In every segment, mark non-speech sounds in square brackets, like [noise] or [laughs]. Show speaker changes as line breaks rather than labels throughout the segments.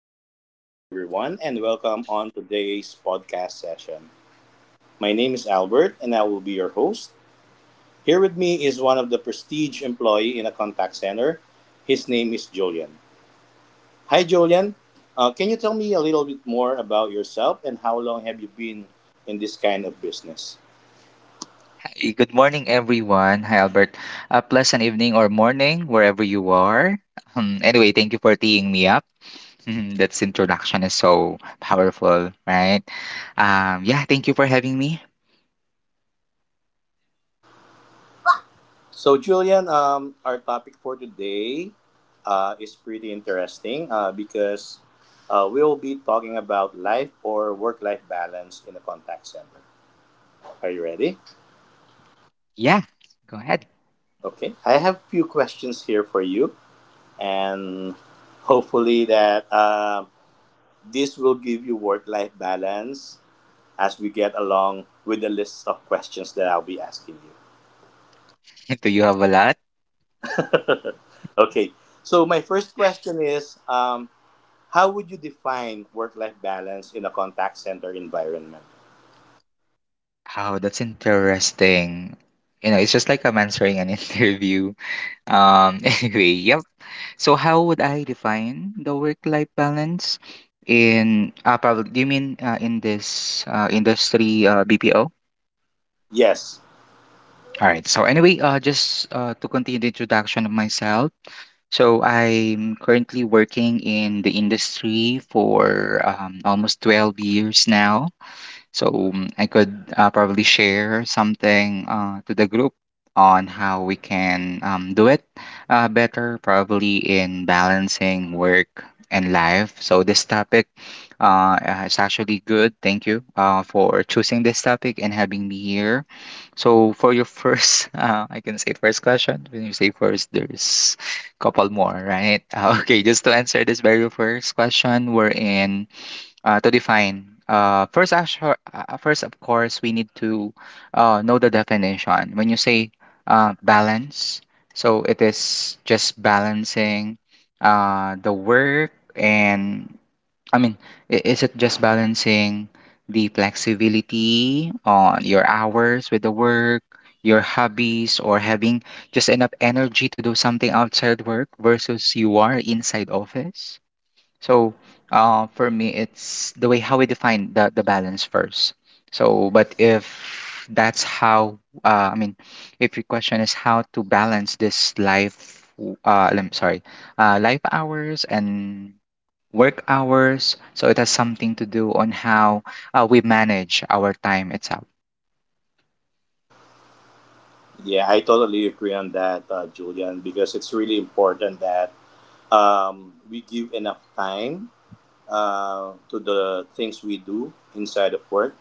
pleasant evening to everyone, and welcome on today's podcast session. My name is Albert, and I will be your host. Here with me is one of the prestige employee in a contact center. His name is Julian. Hi, Julian. Can you tell me a little bit more about yourself and how long have you been in this kind of business?
Good morning, everyone. Hi, Albert. A pleasant evening or morning, wherever you are. Anyway, thank you for teeing me up. [laughs] That's introduction is so powerful, right? Yeah, thank you for having me.
So, Julian, our topic for today is pretty interesting because we'll be talking about life or work-life balance in a contact center. Are you ready?
Yeah, go ahead.
Okay. I have few questions here for you, and hopefully that this will give you work-life balance as we get along with the list of questions that I'll be asking you.
[laughs] Do you have a lot?
Okay. So my first question is: how would you define work life balance in a contact center environment?
Oh, that's interesting. You know, it's just like I'm answering an [laughs] interview. [laughs] Anyway, yep. So how would I define the work-life balance in probably do you mean in this industry, BPO?
Yes.
All right. So anyway, just to continue the introduction of myself. So I'm currently working in the industry for almost 12 years now. So I could probably share something to the group on how we can do it better, probably in balancing work and life. So this topic uh, is actually good. Thank you for choosing this topic and having me here. So for your first, [laughs] I can say first question. When you say first, there's couple more, right? [laughs] Okay, just to answer this very first question, we're in to define. First, of course, we need to know the definition. When you say balance, so it is just balancing the work and I mean, is it just balancing the flexibility on your hours with the work, your hobbies, or having just enough energy to do something outside work versus you are inside office? So for me, it's the way how we define the balance first. So, but if that's how, uh, I mean, if your question is how to balance this life, w- I sorry, life hours and work hours, so it has something to do on how we manage our time itself.
Yeah, I totally agree on that, Julian, because it's really important that we give enough time to the things we do inside of work.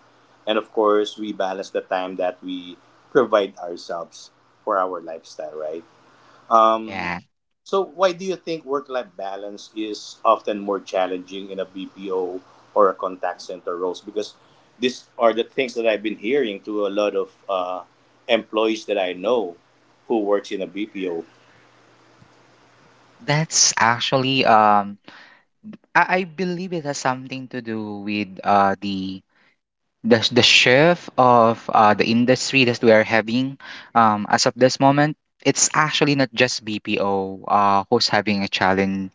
And of course, we balance the time that we provide ourselves for our lifestyle, right? Um,
Yeah,
So, why do you think work life balance is often more challenging in a BPO or a contact center roles? Because these are the things that I've been hearing to a lot of employees that I know who works in a BPO.
that's actually, I believe it has something to do with the shift of the industry that we are having as of this moment. It's actually not just BPO who's having a challenging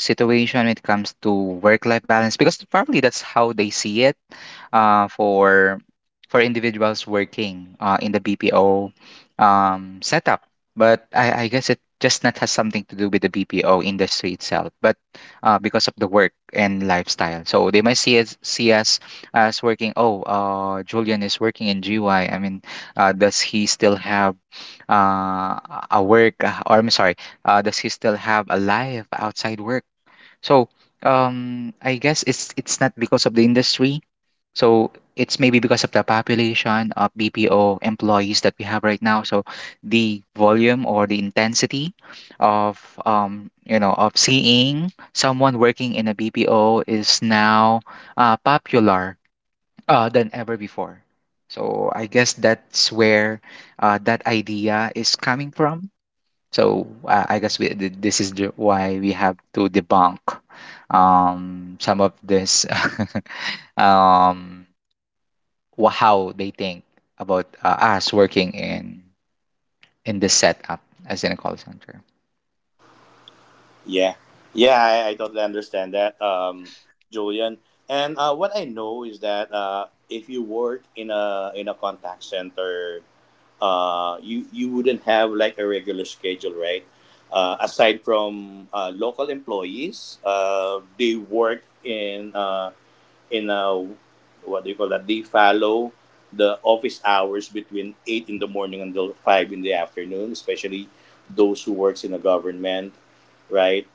situation when it comes to work-life balance, because probably that's how they see it uh, for for individuals working in the BPO setup. But I guess it just not has something to do with the BPO industry itself, but because of the work and lifestyle. So they might see us as working. Oh, Julian is working in GY. Does he still have uh, a work? Or I'm sorry, does he still have a life outside work? So I guess it's not because of the industry, so it's maybe because of the population of BPO employees that we have right now. So the volume or the intensity of of seeing someone working in a BPO is now popular than ever before. So I guess that's where that idea is coming from. So I guess this is the, why we have to debunk some of this [laughs] um, how they think about us working in this setup as in a call center.
Yeah, yeah, I totally understand that, Julian. And what I know is that if you work in a contact center you wouldn't have like a regular schedule, right? Aside from local employees, they work in a what do you call that? They follow the office hours between eight in the morning until five in the afternoon, especially those who works in the government, right?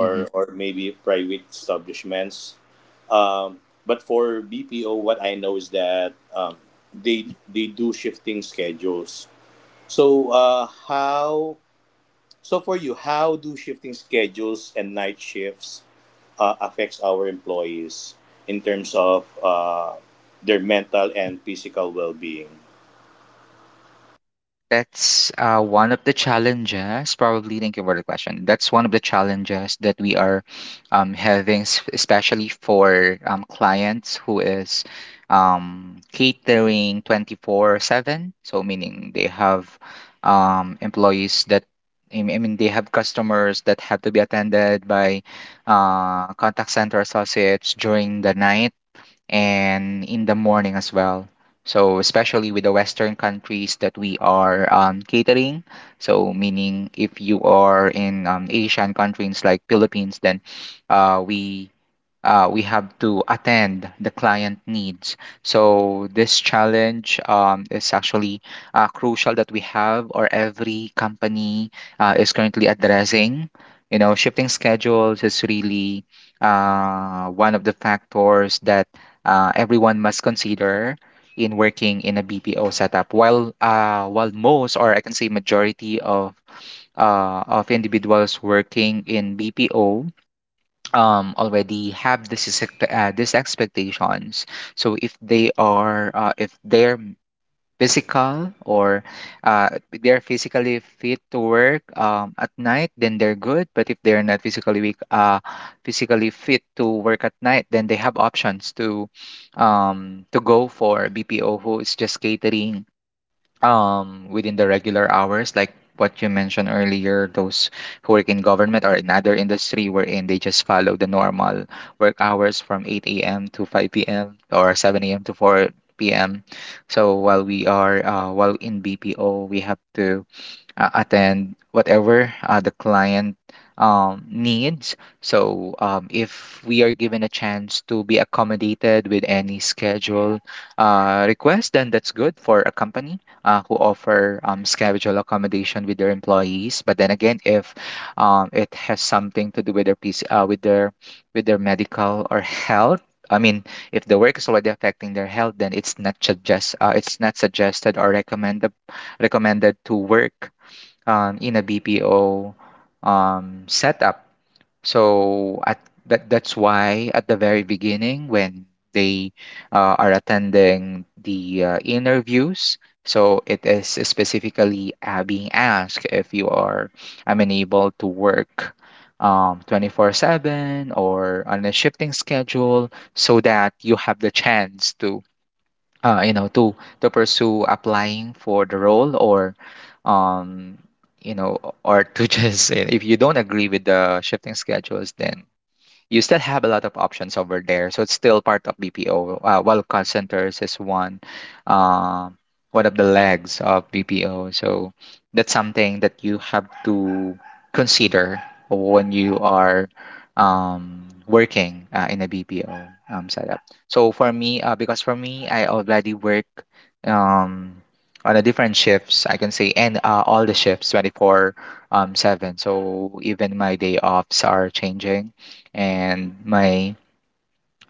Mm-hmm.
maybe private establishments. But for BPO, what I know is that they do shifting schedules. So, how so for you? How do shifting schedules and night shifts affects our employees in terms of their mental and physical well-being?
That's one of the challenges, probably. Thank you for the question. That's one of the challenges that we are having, especially for clients who is catering 24/7. So meaning they have employees that, I mean, they have customers that have to be attended by contact center associates during the night and in the morning as well. So especially with the Western countries that we are catering, so meaning if you are in Asian countries like Philippines, then uh, we uh, we have to attend the client needs. So this challenge is actually crucial that we have, or every company is currently addressing. You know, shifting schedules is really one of the factors that everyone must consider in working in a BPO setup. While most, or I can say majority of individuals working in BPO already have these expectations. So if they are if they're physical or uh, they're physically fit to work at night, then they're good. But if they're not physically weak physically fit to work at night, then they have options to go for BPO who is just catering within the regular hours, like what you mentioned earlier, those who work in government or in other industry wherein they just follow the normal work hours from 8 a.m. to 5 p.m. or 7 a.m. to 4 p.m. So while we are while in BPO we have to attend whatever the client needs. So if we are given a chance to be accommodated with any schedule request, then that's good for a company who offer schedule accommodation with their employees. But then again, if it has something to do with their PC, with their medical or health. I mean, if the work is already affecting their health, then it's not suggested or recommended to work in a BPO setup. So at that that's why at the very beginning when they are attending the interviews, so it is specifically being asked if you are able to work 24/7 or on a shifting schedule, so that you have the chance to uh, you know to to pursue applying for the role, or um or to [laughs] just, if you don't agree with the shifting schedules, then you still have a lot of options over there. So it's still part of BPO. While call centers is one, um, one of the legs of BPO. So that's something that you have to consider when you are working in a BPO setup. So for me, I already work um, on a different shifts, I can say, and all the shifts, 24 seven. So even my day offs are changing, and my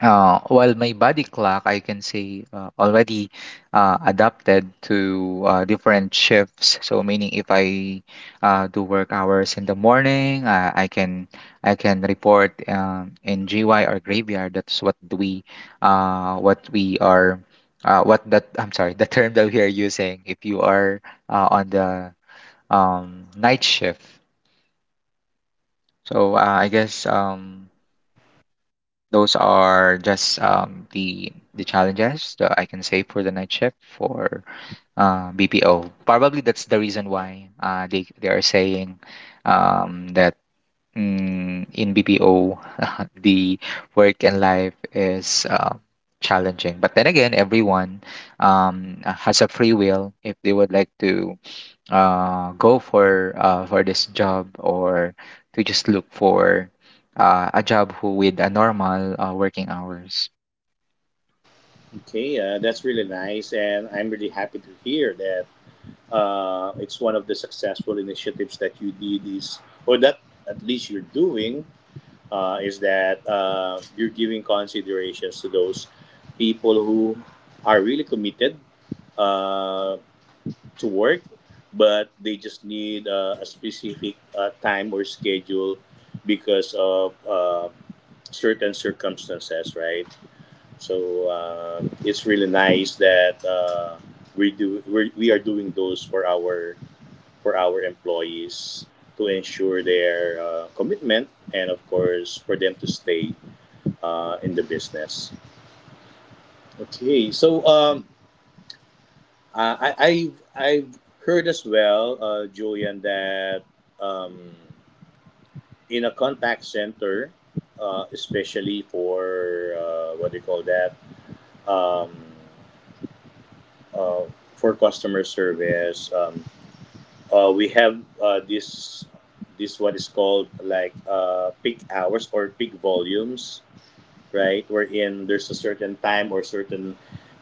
while my body clock, I can say, already adapted to different shifts. So meaning if I do work hours in the morning, I can report in GY or graveyard. That's what we are what that [laughs] I'm sorry, the term that we are using if you are on the night shift. So I guess those are just the challenges that I can say for the night shift for BPO. Probably that's the reason why they are saying that in BPO [laughs] the work and life is challenging. But then again, everyone has a free will if they would like to go for this job, or to just look for a job who with a normal working hours.
Okay, that's really nice, and I'm really happy to hear that it's one of the successful initiatives that you did is, or that at least you're doing, is that you're giving considerations to those people who are really committed uh, to work, but they just need a specific time or schedule because of certain circumstances, right? So it's really nice that we do we are doing those for our employees to ensure their commitment and of course for them to stay in the business. Okay, so um, I've heard as well, Julian, that um, in a contact center, especially for what do you call that, um, uh, for customer service, we have this what is called like peak hours or peak volumes. Right? Wherein there's a certain time or certain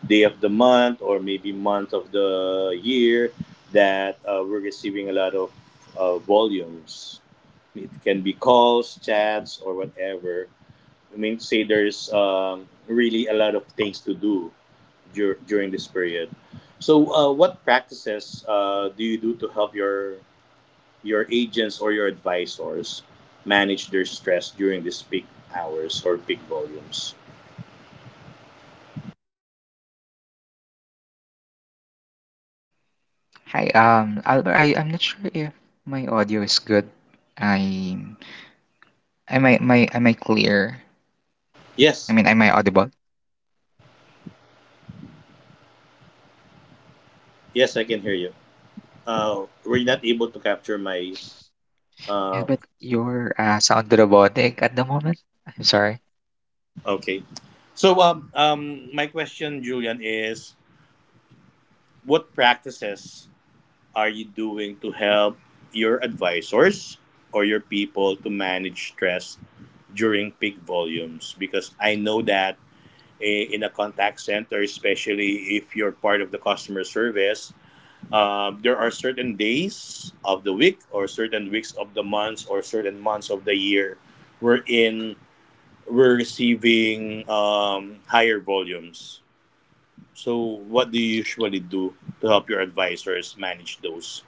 day of the month or maybe month of the year that we're receiving a lot of volumes. It can be calls, chats, or whatever. I mean, say there's really a lot of things to do during this period. So, what practices do you do to help your agents or your advisors manage their stress during these peak hours or peak volumes?
Hi, Albert, I'm not sure if my audio is good. I am I my am I clear? I
Yes.
mean, am I audible?
Yes, I can hear you. We're not able to capture my.
Yeah,
Uh,
but you're sound robotic at the moment. I'm sorry.
okay. So, my question, Julian, is what practices are you doing to help your advisors or your people to manage stress during peak volumes? Because I know that in a contact center, especially if you're part of the customer service, there are certain days of the week, or certain weeks of the months, or certain months of the year, wherein we're receiving higher volumes. So, what do you usually do to help your advisors manage those?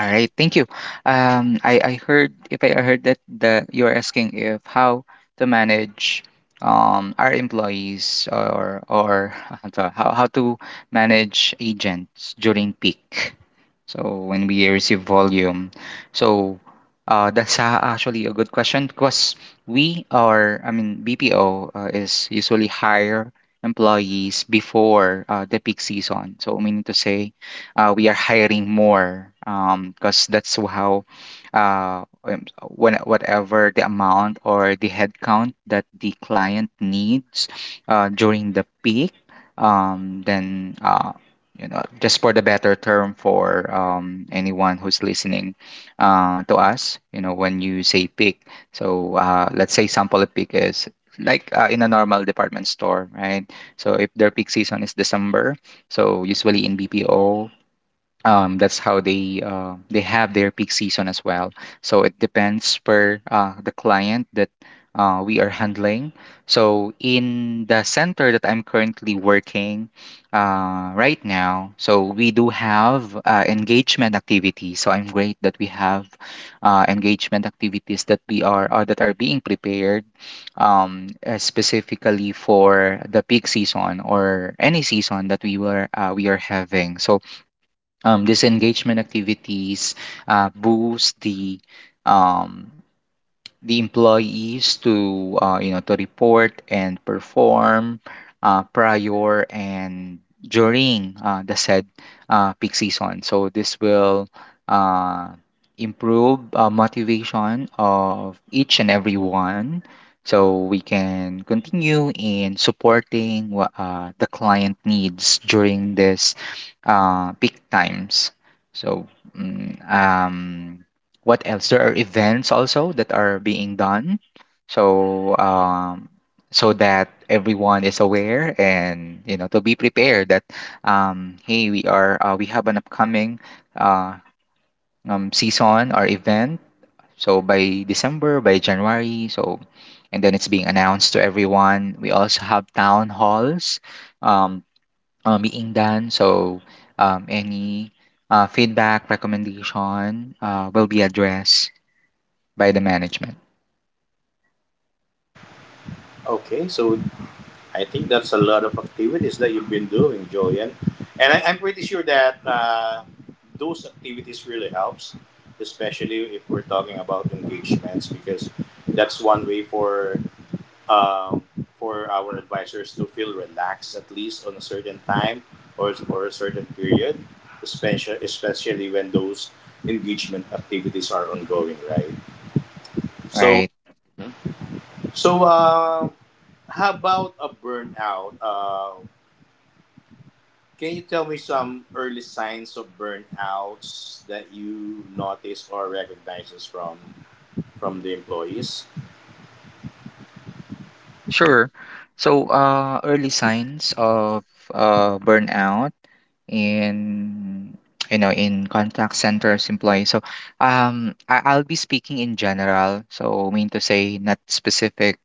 All right, thank you. I heard if I heard that the you're asking if how to manage our employees or [laughs] how to manage agents during peak. So when we receive volume, so [laughs] actually a good question, because we are, I mean, BPO is usually hire employees before the peak season. So meaning to say we are hiring more because that's how uh, um, when, whatever the amount or the headcount that the client needs during the peak, then you know, just for the better term for anyone who's listening to us, you know, when you say peak, so let's say sample peak is like in a normal department store, right? So if their peak season is December, so usually in BPO that's how they have their peak season as well. So it depends per the client that we are handling. So in the center that I'm currently working right now, so we do have engagement activities. So I'm great that we have engagement activities that we are or that are being prepared specifically for the peak season or any season that we were we are having. So these engagement activities boost um, the employees to to report and perform prior and during the said peak season. So this will uh, improve motivation of each and every one, so we can continue in supporting what the client needs during this peak times. So mm, um, what else? There are events also that are being done. So um, so that everyone is aware and to be prepared that hey, we are we have an upcoming uh, season or event. So by December, by January, so and then it's being announced to everyone. We also have town halls um, being done. So any feedback, recommendation will be addressed by the management.
Okay, so I think that's a lot of activities that you've been doing, Joyan. And I'm pretty sure that those activities really helps, especially if we're talking about engagements, because that's one way um, for our advisors to feel relaxed at least on a certain time or a certain period, especially when those engagement activities are ongoing, right? So,
Right.
so how about a burnout? Can you tell me some early signs of burnouts that you notice or recognizes from the employees?
Sure. So, early signs of burnout in in contact centers employees. So, I'll be speaking in general. So, mean to say not specific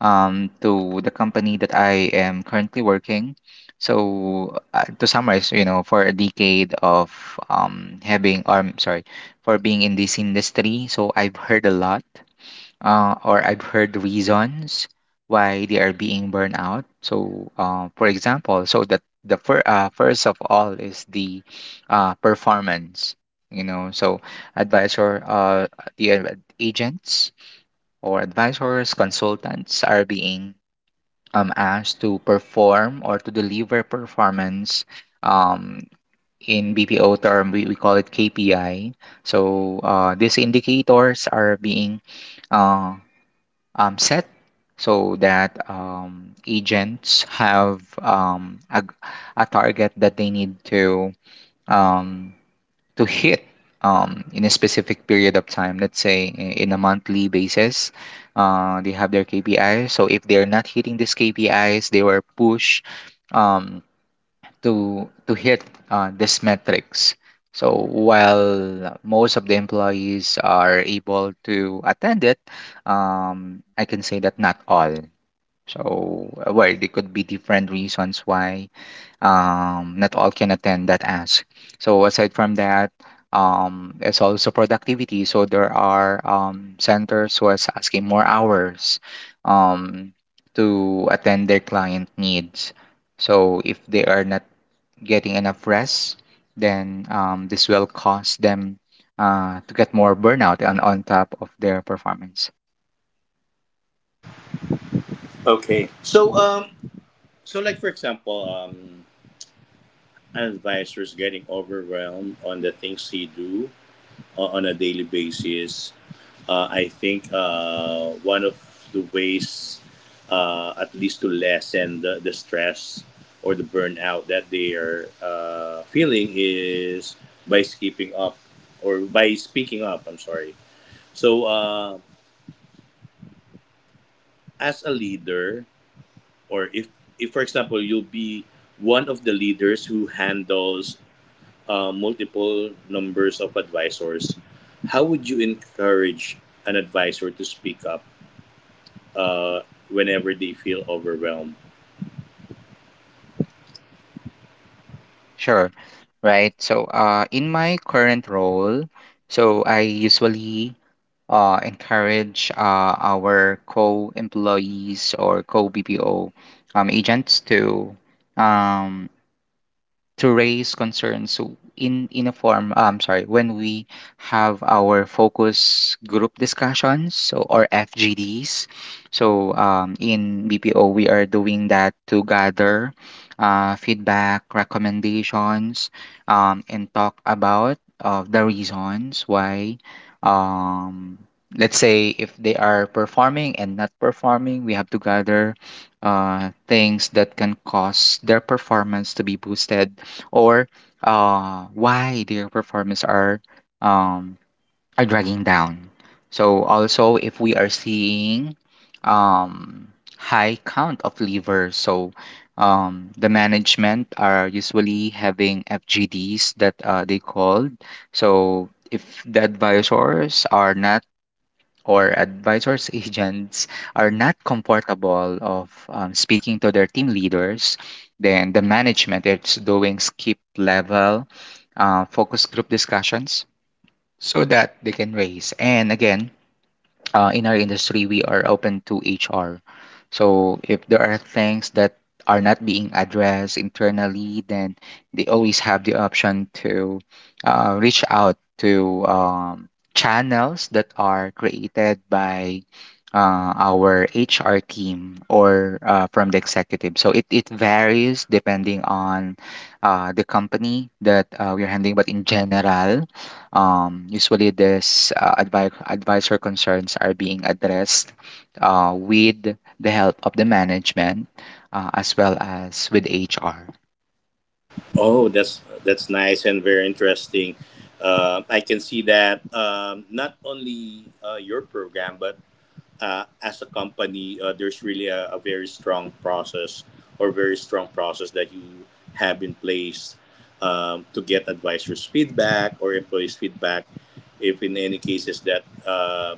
to the company that I am currently working. So to summarize, you know, for a decade of having, or I'm sorry, for being in this industry, so I've heard a lot. Or I've heard reasons why they are being burned out. So, for example, so that the fir first of all is the performance. You know, so advisor, uh, agents or advisors, consultants are being asked to perform or to deliver performance. Um, in BPO term, we call it KPI. So these indicators are being uh, set so that agents have a target that they need um, to hit in a specific period of time. Let's say in a monthly basis, they have their KPIs. So if they're not hitting these KPIs, they were pushed. Um, to hit these metrics. So while most of the employees are able to attend it, I can say that not all. So well, there could be different reasons why not all can attend that ask. So aside from that, it's also productivity. So there are centers who is asking more hours um, to attend their client needs. So if they are not getting enough rest, then this will cause them to get more burnout on top of their performance.
Okay, so so like for example, advisors getting overwhelmed on the things he do on a daily basis. I think one of the ways, at least to lessen the stress or the burnout that they are feeling, is by skipping up or by speaking up. I'm sorry. So, as a leader, or if for example, you'll be one of the leaders who handles multiple numbers of advisors, how would you encourage an advisor to speak up uh, whenever they feel overwhelmed?
Sure, right? So, in my current role, so I usually encourage our co-employees or co-BPO agents um, to raise concerns so in a form. Sorry, when we have our focus group discussions, so or FGDs, so in BPO we are doing that to gather feedback, recommendations, and talk about the reasons why um, let's say if they are performing and not performing, we have to gather things that can cause their performance to be boosted, or why their performance um, are dragging down. So also if we are seeing high count of livers, so the management are usually having FGDs that they called. So if the advisors are not, or advisors, agents are not comfortable of speaking to their team leaders, then the management is doing skip level focus group discussions so that they can raise. And again, in our industry, we are open to HR. So if there are things that are not being addressed internally, then they always have the option to reach out to channels that are created by our HR team or from the executive. So it varies depending on the company that we're handling, but in general, usually, these advisor concerns are being addressed with the help of the management as well as with HR.
Oh, that's nice and very interesting. I can see that not only your program, but as a company, there's really a very strong process or very strong process that you have in place to get advisors' feedback or employees' feedback. If in any cases that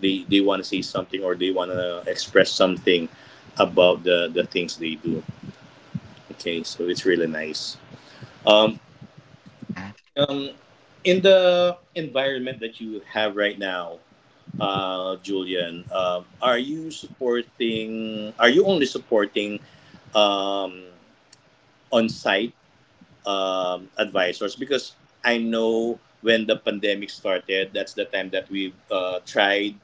they want to say something or they want to express something about the things they do. Okay, so it's really nice. Um,
Yeah.
um, in the environment that you have right now, Julian, are you supporting? Are you only supporting um, on-site advisors? Because I know when the pandemic started, that's the time that we tried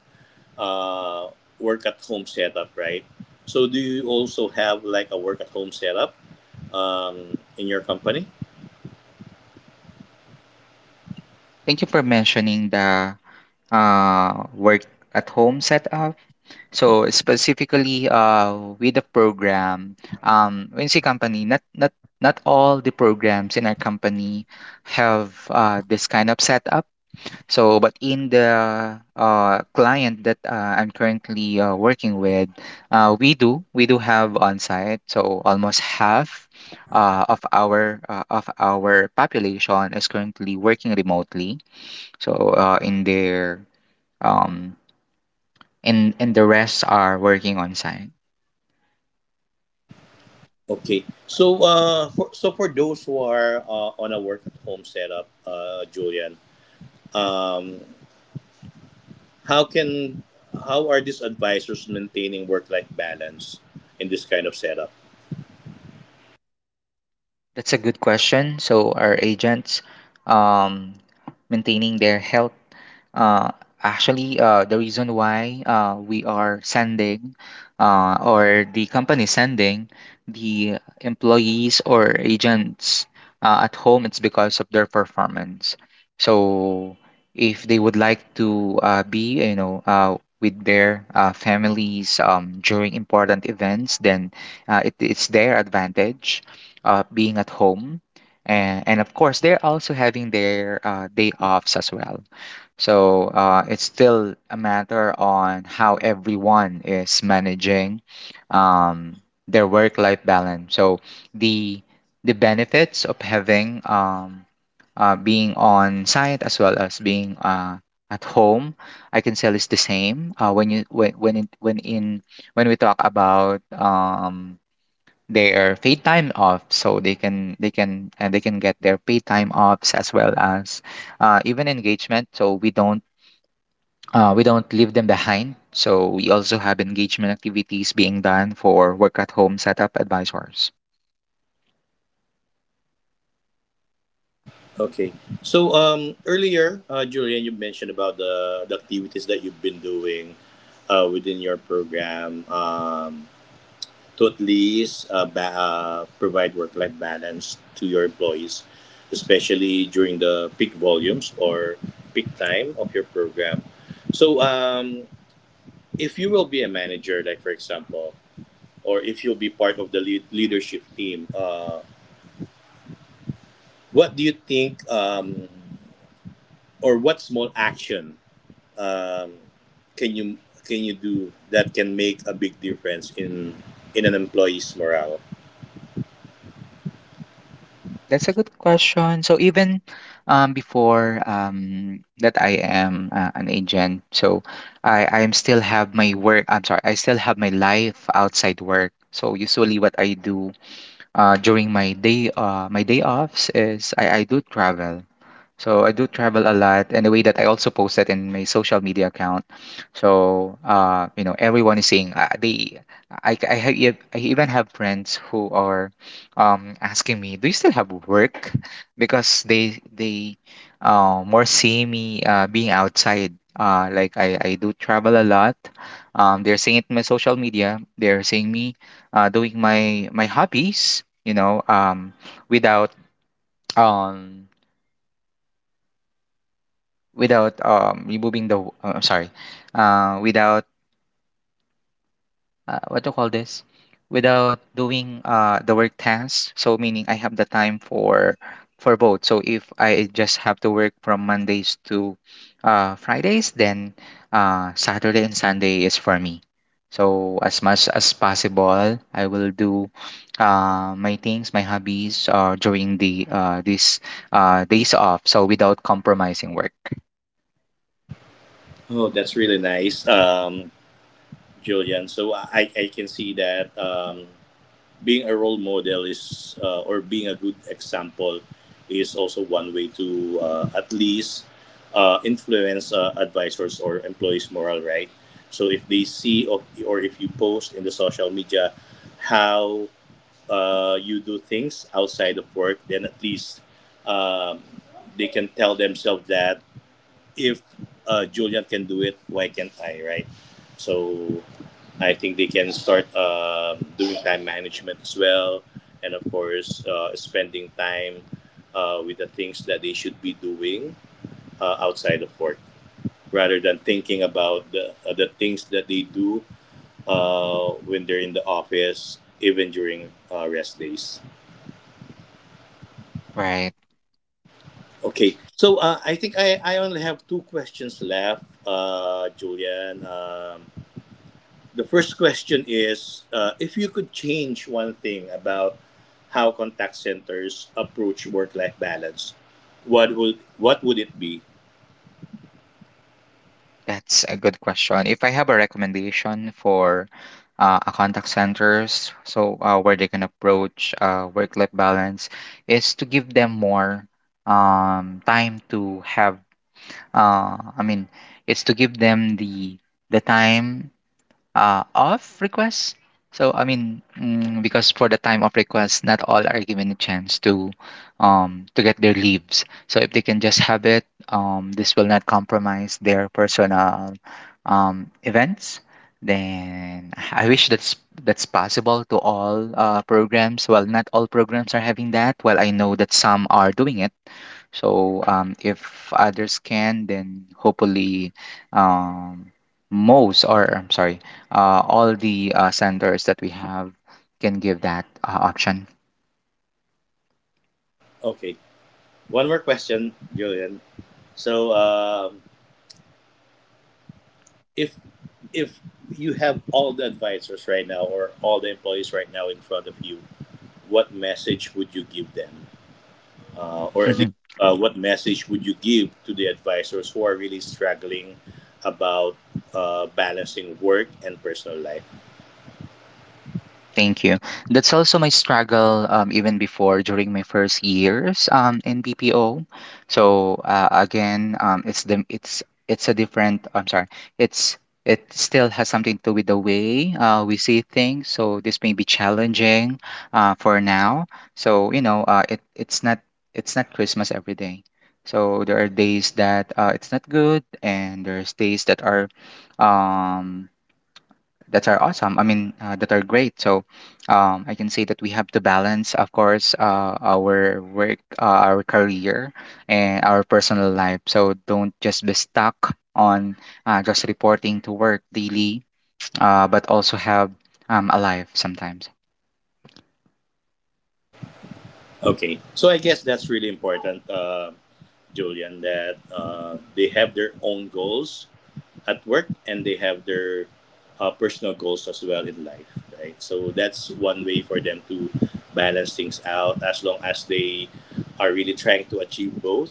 uh, work at home setup, right? So, do you also have like a work at home setup in your company?
Thank you for mentioning the work at home setup. So specifically, with the program, when you say company, not all the programs in our company have this kind of setup. So, but in the client that I'm currently working with, we do have on-site. So almost half of our population is currently working remotely. So in their um, and the rest are working on-site.
Okay. So, so for those who are on a work at home setup, Julian, um, how can how are these advisors maintaining work-life balance in this kind of setup?
That's a good question. So our agents um, maintaining their health. Uh, Actually, the reason why we are sending or the company sending the employees or agents at home, it's because of their performance. So if they would like to be, you know, with their families during important events, then it's their advantage being at home. And of course, they're also having their day offs as well. So it's still a matter on how everyone is managing um, their work-life balance. So the the benefits of having being on site as well as being at home, I can say is the same. When you when it, when in When we talk about their paid time off, so they can get their paid time offs, as well as even engagement, so we don't leave them behind, so we also have engagement activities being done for work at home setup advisors.
Okay. So earlier, Julian, you mentioned about the activities that you've been doing within your program to at least provide work-life balance to your employees, especially during the peak volumes or peak time of your program. So if you will be a manager, like for example, or if you'll be part of the lead leadership team, what do you think, or what small action um, can you can you do that can make a big difference in an employee's morale?
That's a good question. So even before that I am an agent, so I'm sorry, I still have my life outside work. So usually what I do during my day offs is, I do travel. So I do travel a lot and the way that I also posted in my social media account. So you know, everyone is seeing. They, I, have, e- I even have friends who are asking me, "Do you still have work?" Because they more see me being outside. I do travel a lot. They're seeing it in my social media. They're seeing me doing my my hobbies. You know, without um without removing the I'm sorry, without what to call this, without doing the work tasks. So meaning I have the time for both. So if I just have to work from Mondays to Fridays, then Saturday and Sunday is for me. So as much as possible, I will do my things, my hobbies during the these days off, so without compromising work.
Oh, that's really nice, Julian. So I can see that. Being a role model is or being a good example is also one way to at least influence advisors or employees morale. Right, so if they see of, or if you post in the social media how you do things outside of work, then at least um, they can tell themselves that if Julian can do it, why can't I, right? So I think they can start doing time management as well, and of course, spending time with the things that they should be doing outside of work, rather than thinking about the things that they do when they're in the office, even during rest days.
Right.
Okay, so I think I only have two questions left, Julian. The first question is if you could change one thing about how contact centers approach work-life balance, what would it be?
That's a good question. If I have a recommendation for a contact centers, so where they can approach work-life balance, is to give them more time to have. Uh, I mean, it's to give them the time of requests. So I mean, because for the time of request, not all are given a chance to get their leaves. So if they can just have it, this will not compromise their personal events. Then I wish that's possible to all programs. Well, not all programs are having that. Well, I know that some are doing it, so if others can, then hopefully um, most, or I'm sorry, all the centers that we have can give that option.
Okay, one more question, Julian. So, if you have all the advisors right now or all the employees right now in front of you, what message would you give them? Or at least
[laughs]
what message would you give to the advisors who are really struggling about balancing work and personal life?
Thank you. That's also my struggle even before, during my first years in BPO. So again, it's a different. I'm sorry. It's it still has something to do with the way we see things. So this may be challenging for now. So you know, it's not Christmas every day. So there are days that it's not good, and there's days um that are awesome. I mean, that are great. So I can say that we have to balance, of course, our work, our career, and our personal life. So don't just be stuck on just reporting to work daily, but also have a life sometimes.
Okay, so I guess that's really important, Julian, that they have their own goals at work and they have their personal goals as well in life, right? So that's one way for them to balance things out as long as they are really trying to achieve both.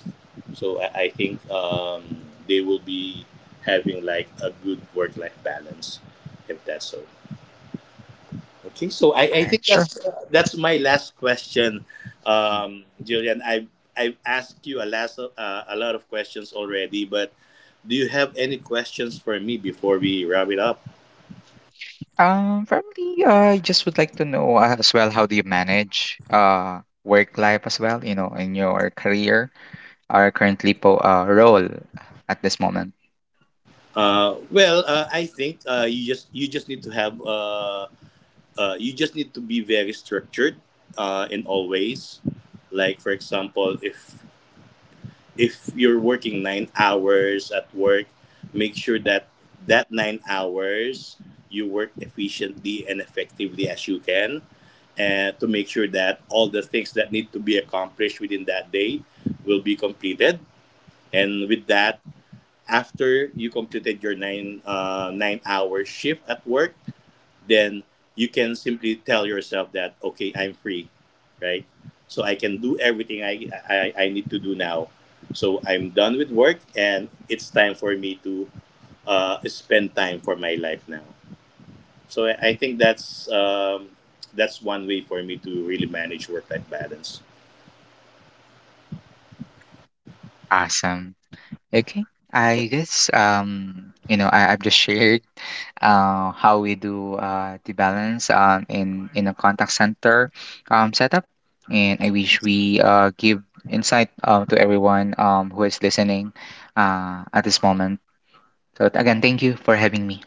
So I think they will be having like a good work life balance if that's so. Okay, so I,
All
I
right,
think
sure.
that's my last question,
Mm.
Julian. I've asked you a lot of questions already, but do you have any questions for me before we wrap it up?
Probably, I just would like to know as well, how do you manage work life as well, you know, in your career or currently po role at this moment.
Well, I think you just need to have you just need to be very structured in all ways. Like for example, if you're working 9 hours at work, make sure that 9 hours you work efficiently and effectively as you can, and to make sure that all the things that need to be accomplished within that day will be completed. And with that, after you completed your 9 hour shift at work, then you can simply tell yourself that, okay, I'm free, right? So I can do everything I need to do now, so I'm done with work and it's time for me to spend time for my life now. So I think that's one way for me to really manage work life balance.
Awesome. Okay. I guess you know, I've just shared how we do the balance in a contact center setup, and I wish we give insight to everyone who is listening at this moment. So again, thank you for having me.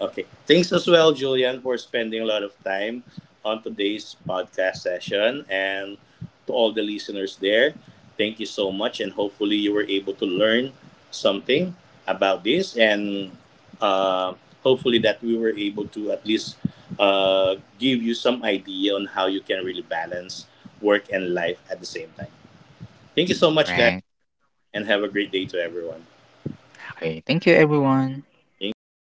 Okay. Thanks as well, Julian, for spending a lot of time on today's podcast session. And to all the listeners there, thank you so much. And hopefully, you were able to learn something about this. And uh, hopefully, that we were able to at least give you some idea on how you can really balance work and life at the same time. Thank you so much, guys.
Right.
And have a great day to everyone.
Okay. Thank you everyone.
Thank you.